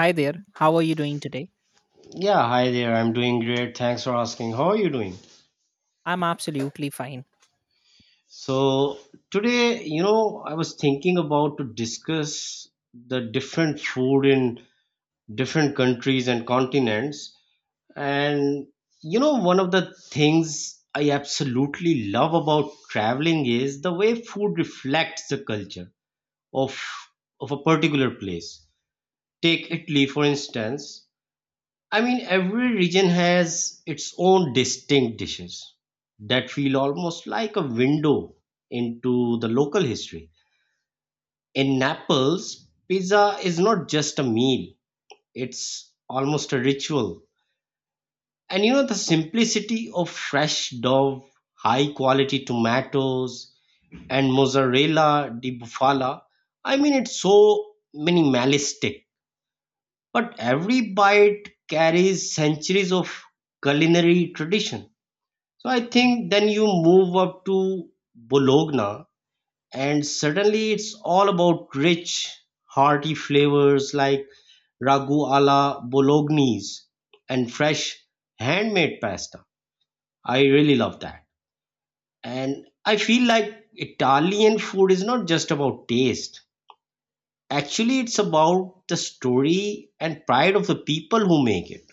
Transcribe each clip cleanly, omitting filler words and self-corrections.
Hi there, how are you doing today? Yeah, hi there. I'm doing great. Thanks for asking. How are you doing? I'm absolutely fine. So, today, I was thinking about to discuss the different food in different countries and continents. And, one of the things I absolutely love about traveling is the way food reflects the culture of of a particular place. Take Italy, for instance. I mean, every region has its own distinct dishes that feel almost like a window into the local history. In Naples, pizza is not just a meal, it's almost a ritual. And you know, the simplicity of fresh dough, high quality tomatoes, and mozzarella di bufala. I mean, it's so minimalistic, but every bite carries centuries of culinary tradition. So I think then you move up to Bologna, and suddenly it's all about rich, hearty flavors like ragu alla bolognese and fresh handmade pasta. I really love that. And I feel like Italian food is not just about taste. Actually, it's about the story and pride of the people who make it.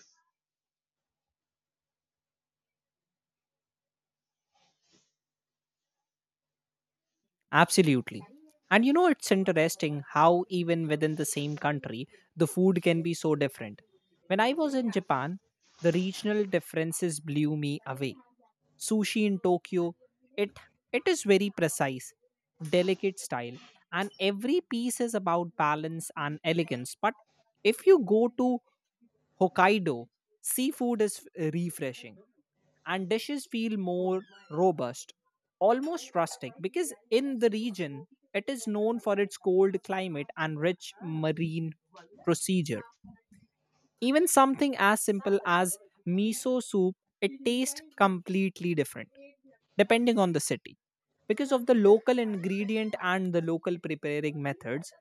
Absolutely. And you know, it's interesting how, even within the same country, the food can be so different. When I was in Japan, the regional differences blew me away. Sushi in Tokyo, it, it is very precise, delicate style, and every piece is about balance and elegance. But if you go to Hokkaido, seafood is refreshing and dishes feel more robust, almost rustic, because in the region it is known for its cold climate and rich marine procedure. Even something as simple as miso soup, it tastes completely different depending on the city. Because of the local ingredient and the local preparing methods,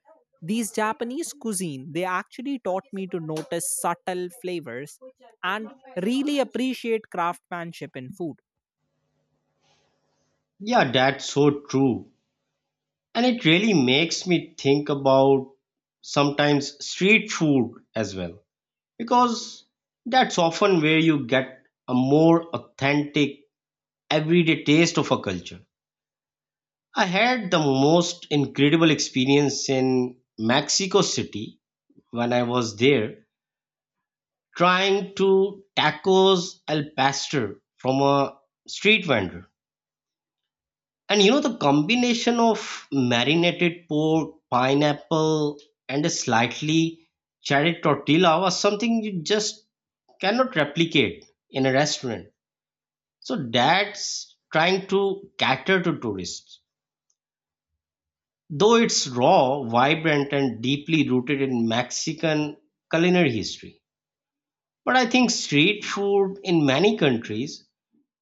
these Japanese cuisine they actually taught me to notice subtle flavors and really appreciate craftsmanship in food. Yeah, that's so true. And it really makes me think about sometimes street food as well, because that's often where you get a more authentic everyday taste of a culture. I had the most incredible experience in Mexico City when I was there trying to tacos al pastor from a street vendor. And you know, the combination of marinated pork, pineapple, and a slightly charred tortilla was something you just cannot replicate in a restaurant. So that's trying to cater to tourists. Though it's raw, vibrant, and deeply rooted in Mexican culinary history. But I think street food in many countries,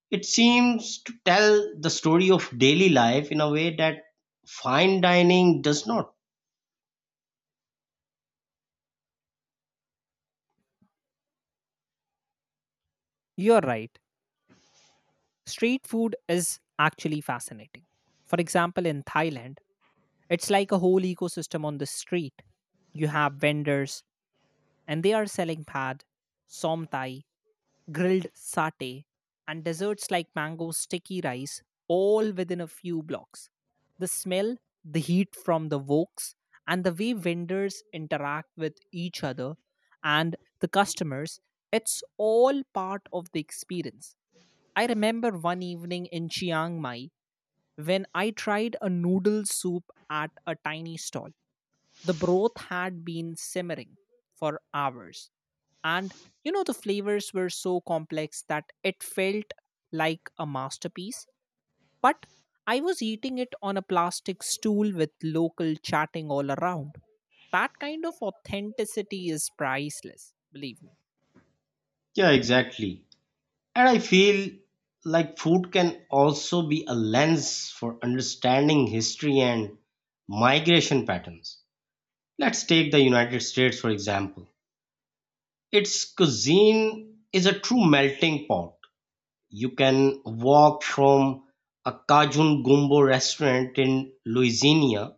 it seems to tell the story of daily life in a way that fine dining does not. You're right. Street food is actually fascinating. For example, in Thailand, it's like a whole ecosystem on the street. You have vendors, and they are selling pad, som thai, grilled satay, and desserts like mango sticky rice, all within a few blocks. The smell, the heat from the woks, and the way vendors interact with each other and the customers, it's all part of the experience. I remember one evening in Chiang Mai when I tried a noodle soup at a tiny stall. The broth had been simmering for hours, and you know, the flavors were so complex that it felt like a masterpiece. But I was eating it on a plastic stool with local chatting all around. That kind of authenticity is priceless, believe me. Yeah, exactly. And I feel like food can also be a lens for understanding history and migration patterns. Let's take the United States, for example. Its cuisine is a true melting pot. You can walk from a Cajun Gumbo restaurant in Louisiana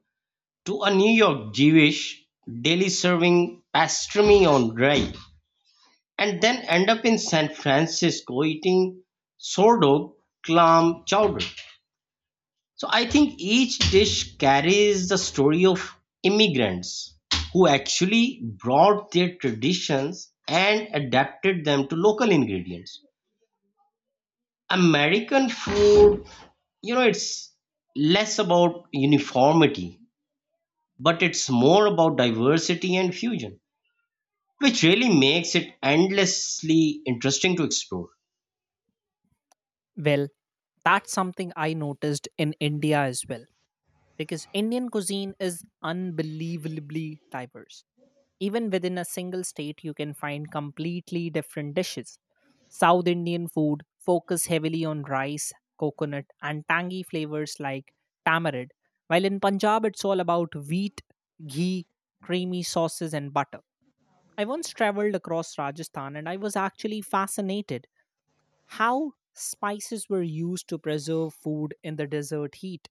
to a New York Jewish deli serving pastrami on rye and then end up in San Francisco eating sourdough clam chowder. So I think each dish carries the story of immigrants who actually brought their traditions and adapted them to local ingredients. American food, you know, it's less about uniformity, but it's more about diversity and fusion, which really makes it endlessly interesting to explore. Well, that's something I noticed in India as well because Indian cuisine is unbelievably diverse. Even within a single state, you can find completely different dishes. South Indian food focus heavily on rice, coconut, and tangy flavors like tamarind, while in Punjab, it's all about wheat, ghee, creamy sauces, and butter. I once traveled across Rajasthan and I was actually fascinated how spices were used to preserve food in the desert heat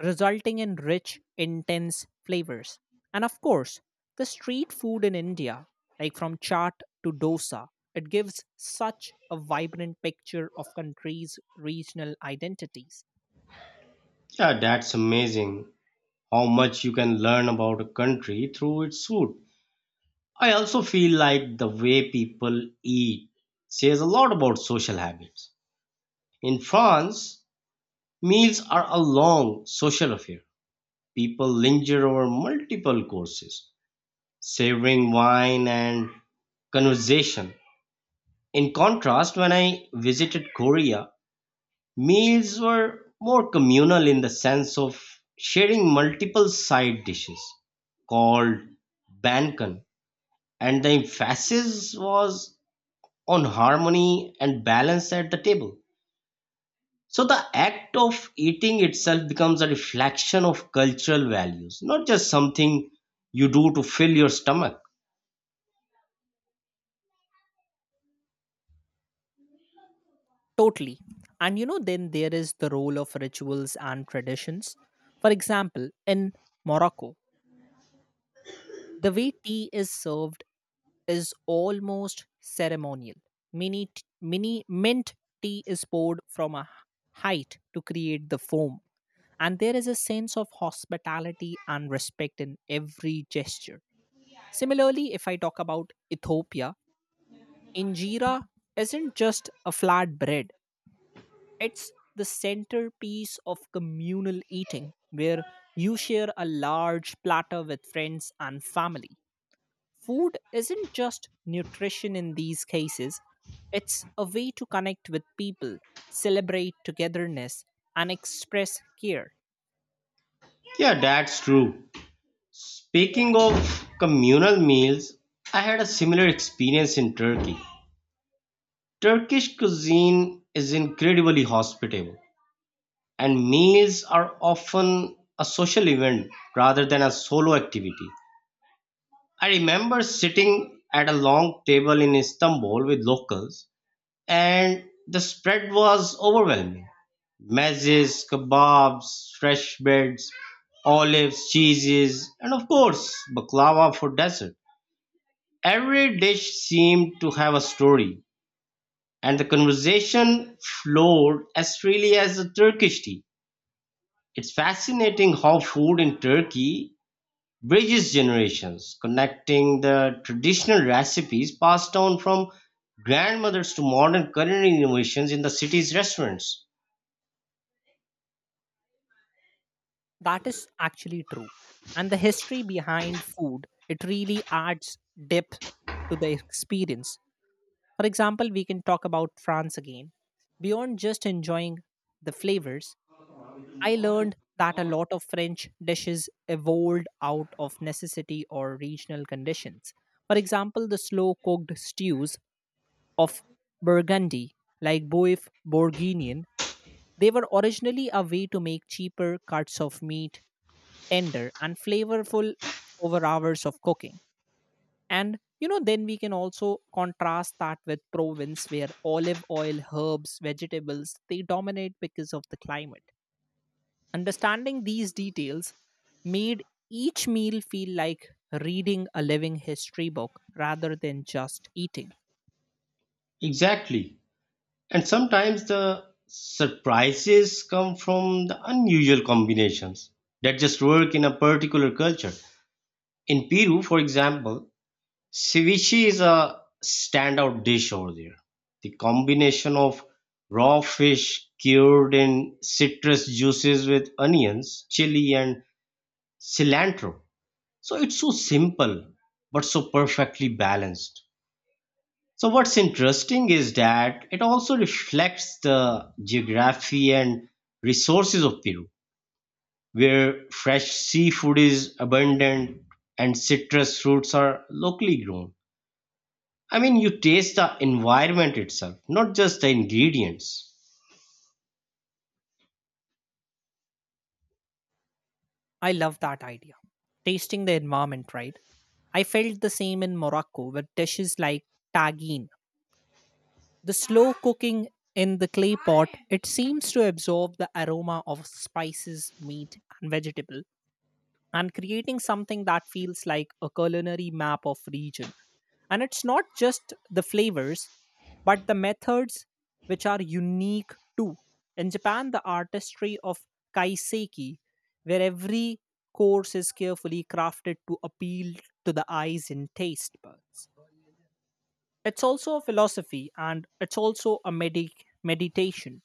resulting in rich, intense flavors. And of course, the street food in India, like from chaat to dosa, it gives such a vibrant picture of countries' regional identities. Yeah, that's amazing. How much you can learn about a country through its food. I also feel like the way people eat says a lot about social habits. In France, meals are a long social affair. People linger over multiple courses, savoring wine and conversation. In contrast, when I visited Korea, meals were more communal in the sense of sharing multiple side dishes called bankan, and the emphasis was on harmony and balance at the table. So the act of eating itself becomes a reflection of cultural values, not just something you do to fill your stomach. Totally. And you know, then there is the role of rituals and traditions. For example, in Morocco, the way tea is served is almost ceremonial. Mini mint tea is poured from a height to create the foam, and there is a sense of hospitality and respect in every gesture. Similarly, if I talk about Ethiopia, injera isn't just a flat bread; it's the centerpiece of communal eating, where you share a large platter with friends and family. Food isn't just nutrition in these cases, it's a way to connect with people, celebrate togetherness, and express care. Yeah, that's true. Speaking of communal meals, I had a similar experience in Turkey. Turkish cuisine is incredibly hospitable, and meals are often a social event rather than a solo activity. I remember sitting at a long table in Istanbul with locals, and the spread was overwhelming. Mezes, kebabs, fresh breads, olives, cheeses, and of course, baklava for dessert. Every dish seemed to have a story, and the conversation flowed as freely as a Turkish tea. It's fascinating how food in Turkey bridges generations, connecting the traditional recipes passed down from grandmothers to modern culinary innovations in the city's restaurants. That is actually true. And the history behind food, it really adds depth to the experience. For example, we can talk about France again. Beyond just enjoying the flavors, I learned that a lot of French dishes evolved out of necessity or regional conditions. For example, the slow cooked stews of Burgundy, like boeuf bourguignon, they were originally a way to make cheaper cuts of meat tender and flavorful over hours of cooking. And you know, then we can also contrast that with Provence, where olive oil, herbs, vegetables, they dominate because of the climate. Understanding these details made each meal feel like reading a living history book rather than just eating. Exactly. And sometimes the surprises come from the unusual combinations that just work in a particular culture. In Peru, for example, Ceviche is a standout dish over there. The combination of raw fish cured in citrus juices with onions, chili, and cilantro. So it's so simple, but so perfectly balanced. So what's interesting is that it also reflects the geography and resources of Peru, where fresh seafood is abundant and citrus fruits are locally grown. I mean, you taste the environment itself, not just the ingredients. I love that idea. Tasting the environment, right? I felt the same in Morocco with dishes like tagine. The slow cooking in the clay pot, it seems to absorb the aroma of spices, meat, and vegetable and creating something that feels like a culinary map of region. And it's not just the flavors, but the methods which are unique too. In Japan, the artistry of kaiseki, where every course is carefully crafted to appeal to the eyes and taste buds. It's also a philosophy and it's also a meditation.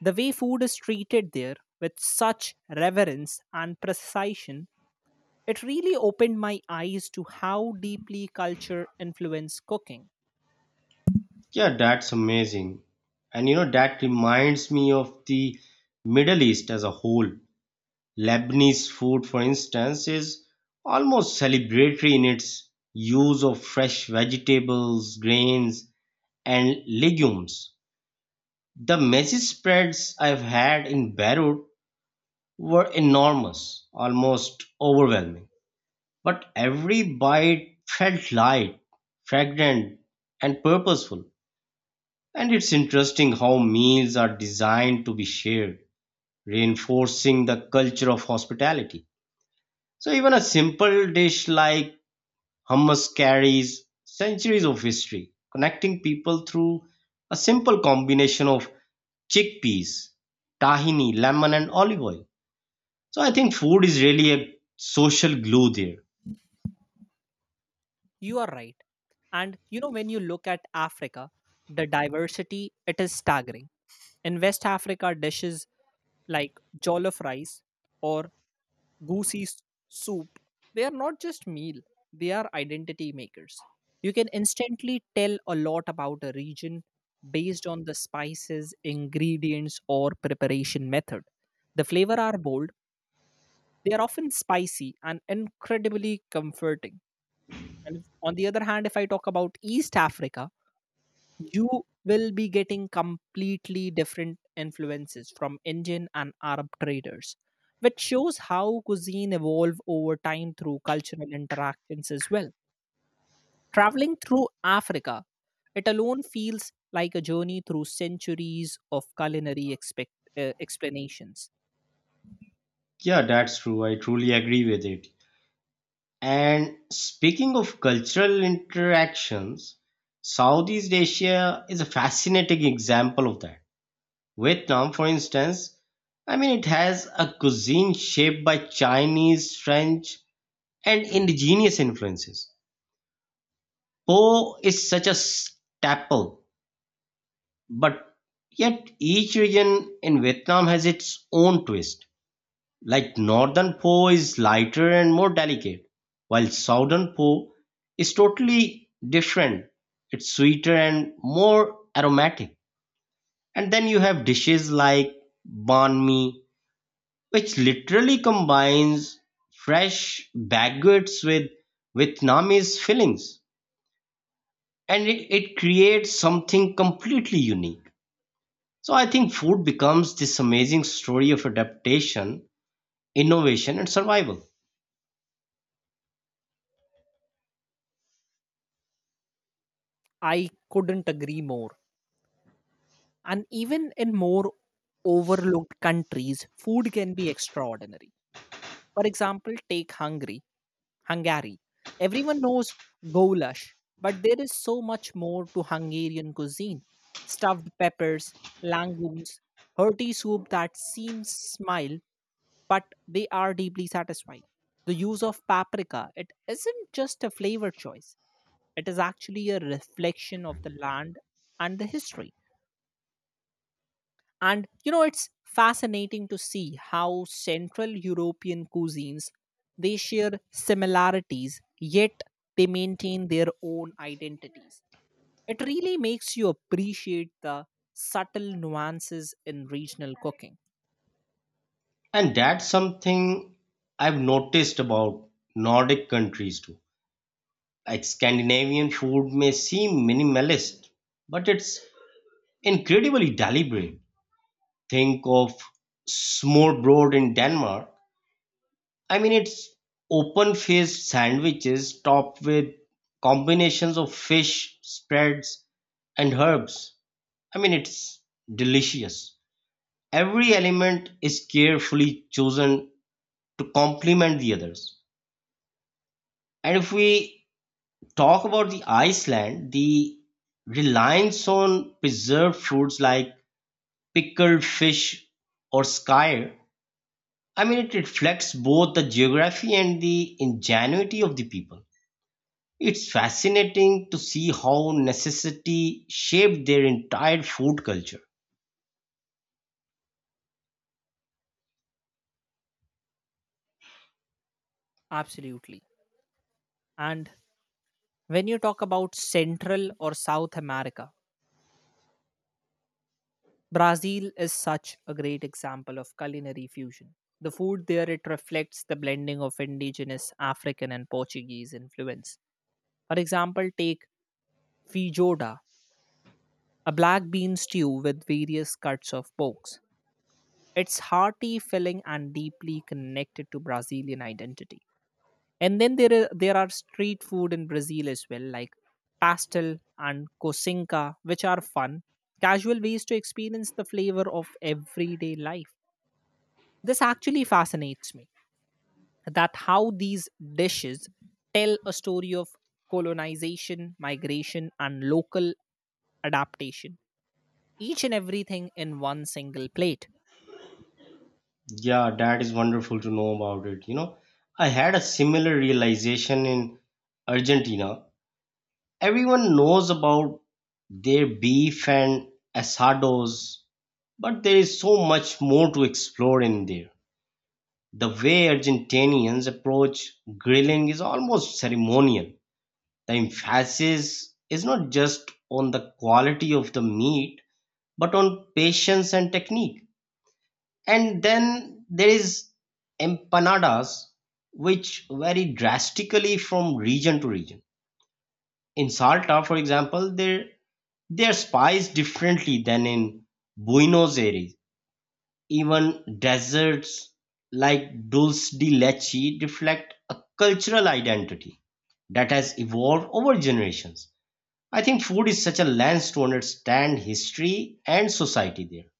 The way food is treated there with such reverence and precision, it really opened my eyes to how deeply culture influences cooking. Yeah, that's amazing. And you know, that reminds me of the Middle East as a whole. Lebanese food, for instance, is almost celebratory in its use of fresh vegetables, grains, and legumes. The messy spreads I've had in Beirut were enormous, almost overwhelming. But every bite felt light, fragrant, and purposeful. And it's interesting how meals are designed to be shared, reinforcing the culture of hospitality. So even a simple dish like hummus carries centuries of history, connecting people through a simple combination of chickpeas, tahini, lemon, and olive oil. So I think food is really a social glue there. You are right. And you know, when you look at Africa, the diversity it is staggering. In West Africa, dishes like jollof rice or goosey s- soup, they are not just meal; they are identity makers. You can instantly tell a lot about a region based on the spices, ingredients, or preparation method. The flavor are bold; they are often spicy and incredibly comforting. And on the other hand, if I talk about East Africa, you will be getting completely different influences from Indian and Arab traders, which shows how cuisine evolved over time through cultural interactions as well. Traveling through Africa, it alone feels like a journey through centuries of culinary explanations. Yeah, that's true. I truly agree with it. And speaking of cultural interactions, Southeast Asia is a fascinating example of that. Vietnam, for instance, I mean, it has a cuisine shaped by Chinese, French, and indigenous influences. Po is such a staple, but yet each region in Vietnam has its own twist. Like northern pho is lighter and more delicate, while southern pho is totally different. It's sweeter and more aromatic. And then you have dishes like banh mi, which literally combines fresh baguettes with Vietnamese fillings. And it creates something completely unique. So I think food becomes this amazing story of adaptation, innovation, and survival. I couldn't agree more. And even in more overlooked countries, food can be extraordinary. For example, take Hungary. Everyone knows goulash, but there is so much more to Hungarian cuisine. Stuffed peppers, langoons, hearty soup that seems smile, but they are deeply satisfying. The use of paprika, it isn't just a flavor choice. It is actually a reflection of the land and the history. And you know, it's fascinating to see how Central European cuisines they share similarities, yet they maintain their own identities. It really makes you appreciate the subtle nuances in regional cooking. And that's something I've noticed about Nordic countries too. Like Scandinavian food may seem minimalist, but it's incredibly deliberate. Think of smørbrød in Denmark. I mean, it's open-faced sandwiches topped with combinations of fish, spreads, and herbs. I mean, it's delicious. Every element is carefully chosen to complement the others. And if we talk about the Iceland, the reliance on preserved foods like pickled fish or skyr, I mean, it reflects both the geography and the ingenuity of the people. It's fascinating to see how necessity shaped their entire food culture. Absolutely. And when you talk about Central or South America, Brazil is such a great example of culinary fusion. The food there it reflects the blending of indigenous African and Portuguese influence. For example, take feijoada, a black bean stew with various cuts of porks. It's hearty, filling, and deeply connected to Brazilian identity. And then there are street food in Brazil as well, like pastel and cosinca, which are fun, casual ways to experience the flavor of everyday life. This actually fascinates me that how these dishes tell a story of colonization, migration, and local adaptation, each and everything in one single plate. Yeah, that is wonderful to know about it. You know, I had a similar realization in Argentina. Everyone knows about their beef and asados, but there is so much more to explore in there. The way Argentinians approach grilling is almost ceremonial. The emphasis is not just on the quality of the meat, but on patience and technique. And then there is empanadas, which vary drastically from region to region. In Salta, for example, their they are spiced differently than in Buenos Aires; even desserts like dulce de leche reflect a cultural identity that has evolved over generations. I think food is such a lens to understand history and society there.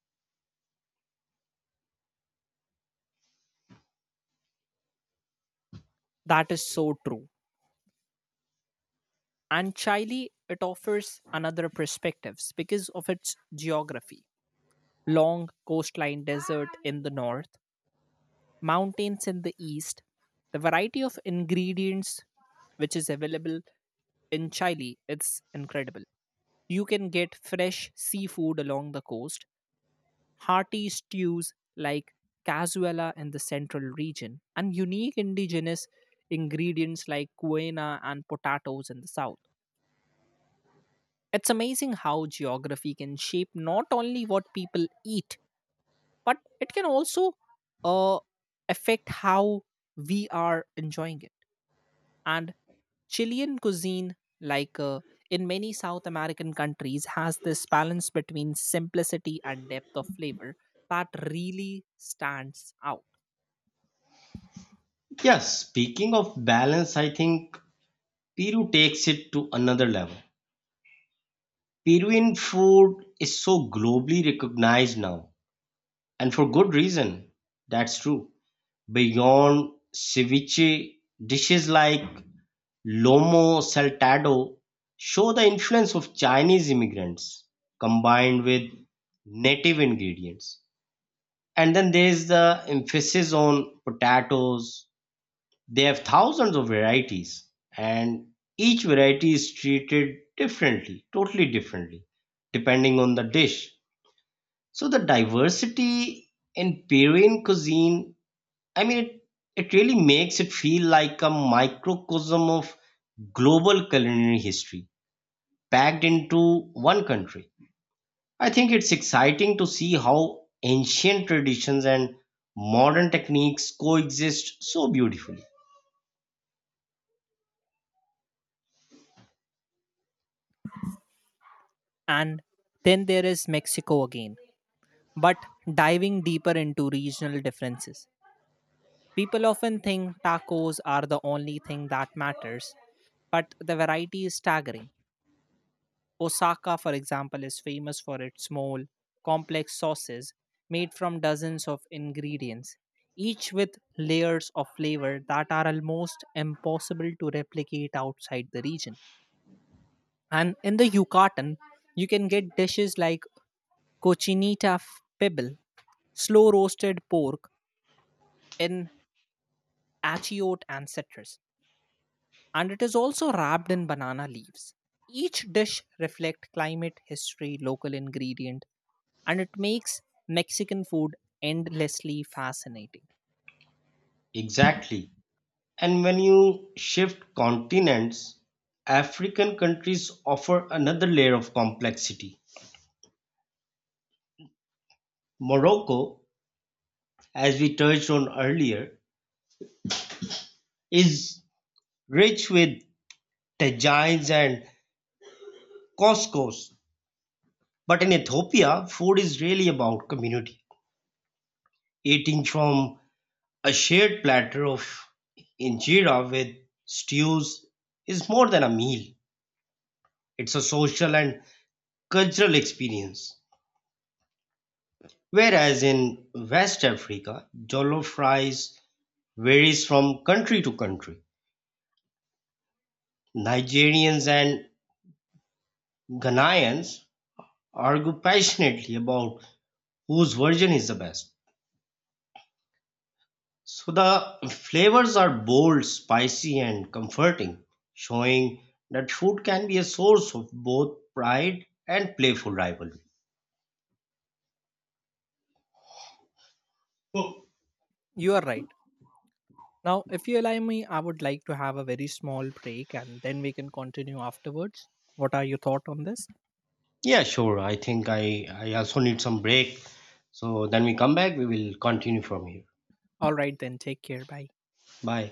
That is so true. And Chile, it offers another perspectives because of its geography long coastline desert in the north, mountains in the east, the variety of ingredients which is available in Chile, it's incredible. You can get fresh seafood along the coast, hearty stews like cazuela in the central region, and unique indigenous ingredients like quena and potatoes in the south. It's amazing how geography can shape not only what people eat, but it can also uh, affect how we are enjoying it. And Chilean cuisine, like in many South American countries, has this balance between simplicity and depth of flavor that really stands out. Yes, speaking of balance, I think Peru takes it to another level. Peruvian food is so globally recognized now, and for good reason. That's true. Beyond ceviche, dishes like lomo saltado show the influence of Chinese immigrants combined with native ingredients. And then there's the emphasis on potatoes. They have thousands of varieties, and each variety is treated differently, totally differently, depending on the dish. So the diversity in Peruvian cuisine, I mean, it really makes it feel like a microcosm of global culinary history packed into one country. I think it's exciting to see how ancient traditions and modern techniques coexist so beautifully. And then there is Mexico again, but diving deeper into regional differences. People often think tacos are the only thing that matters, but the variety is staggering. Osaka, for example, is famous for its small, complex sauces made from dozens of ingredients, each with layers of flavor that are almost impossible to replicate outside the region. And in the Yucatan, you can get dishes like pibil, slow roasted pork in achiote and citrus, and it is also wrapped in banana leaves. Each dish reflects climate, history, local ingredient, and it makes Mexican food endlessly fascinating. Exactly. And when you shift continents, African countries offer another layer of complexity. Morocco, as we touched on earlier, is rich with tagines and couscous. But in Ethiopia, food is really about community, eating from a shared platter of injera with stews is more than a meal. It's a social and cultural experience. Whereas in West Africa, jollof rice varies from country to country. Nigerians and Ghanaians argue passionately about whose version is the best. So the flavors are bold, spicy, and comforting, showing that food can be a source of both pride and playful rivalry. So, You are right. Now, if you allow me, I would like to have a very small break and then we can continue afterwards. What are your thoughts on this? yeah, sure. I think I also need some break. So then we come back, we will continue from here. All right, then, take care. Bye. Bye.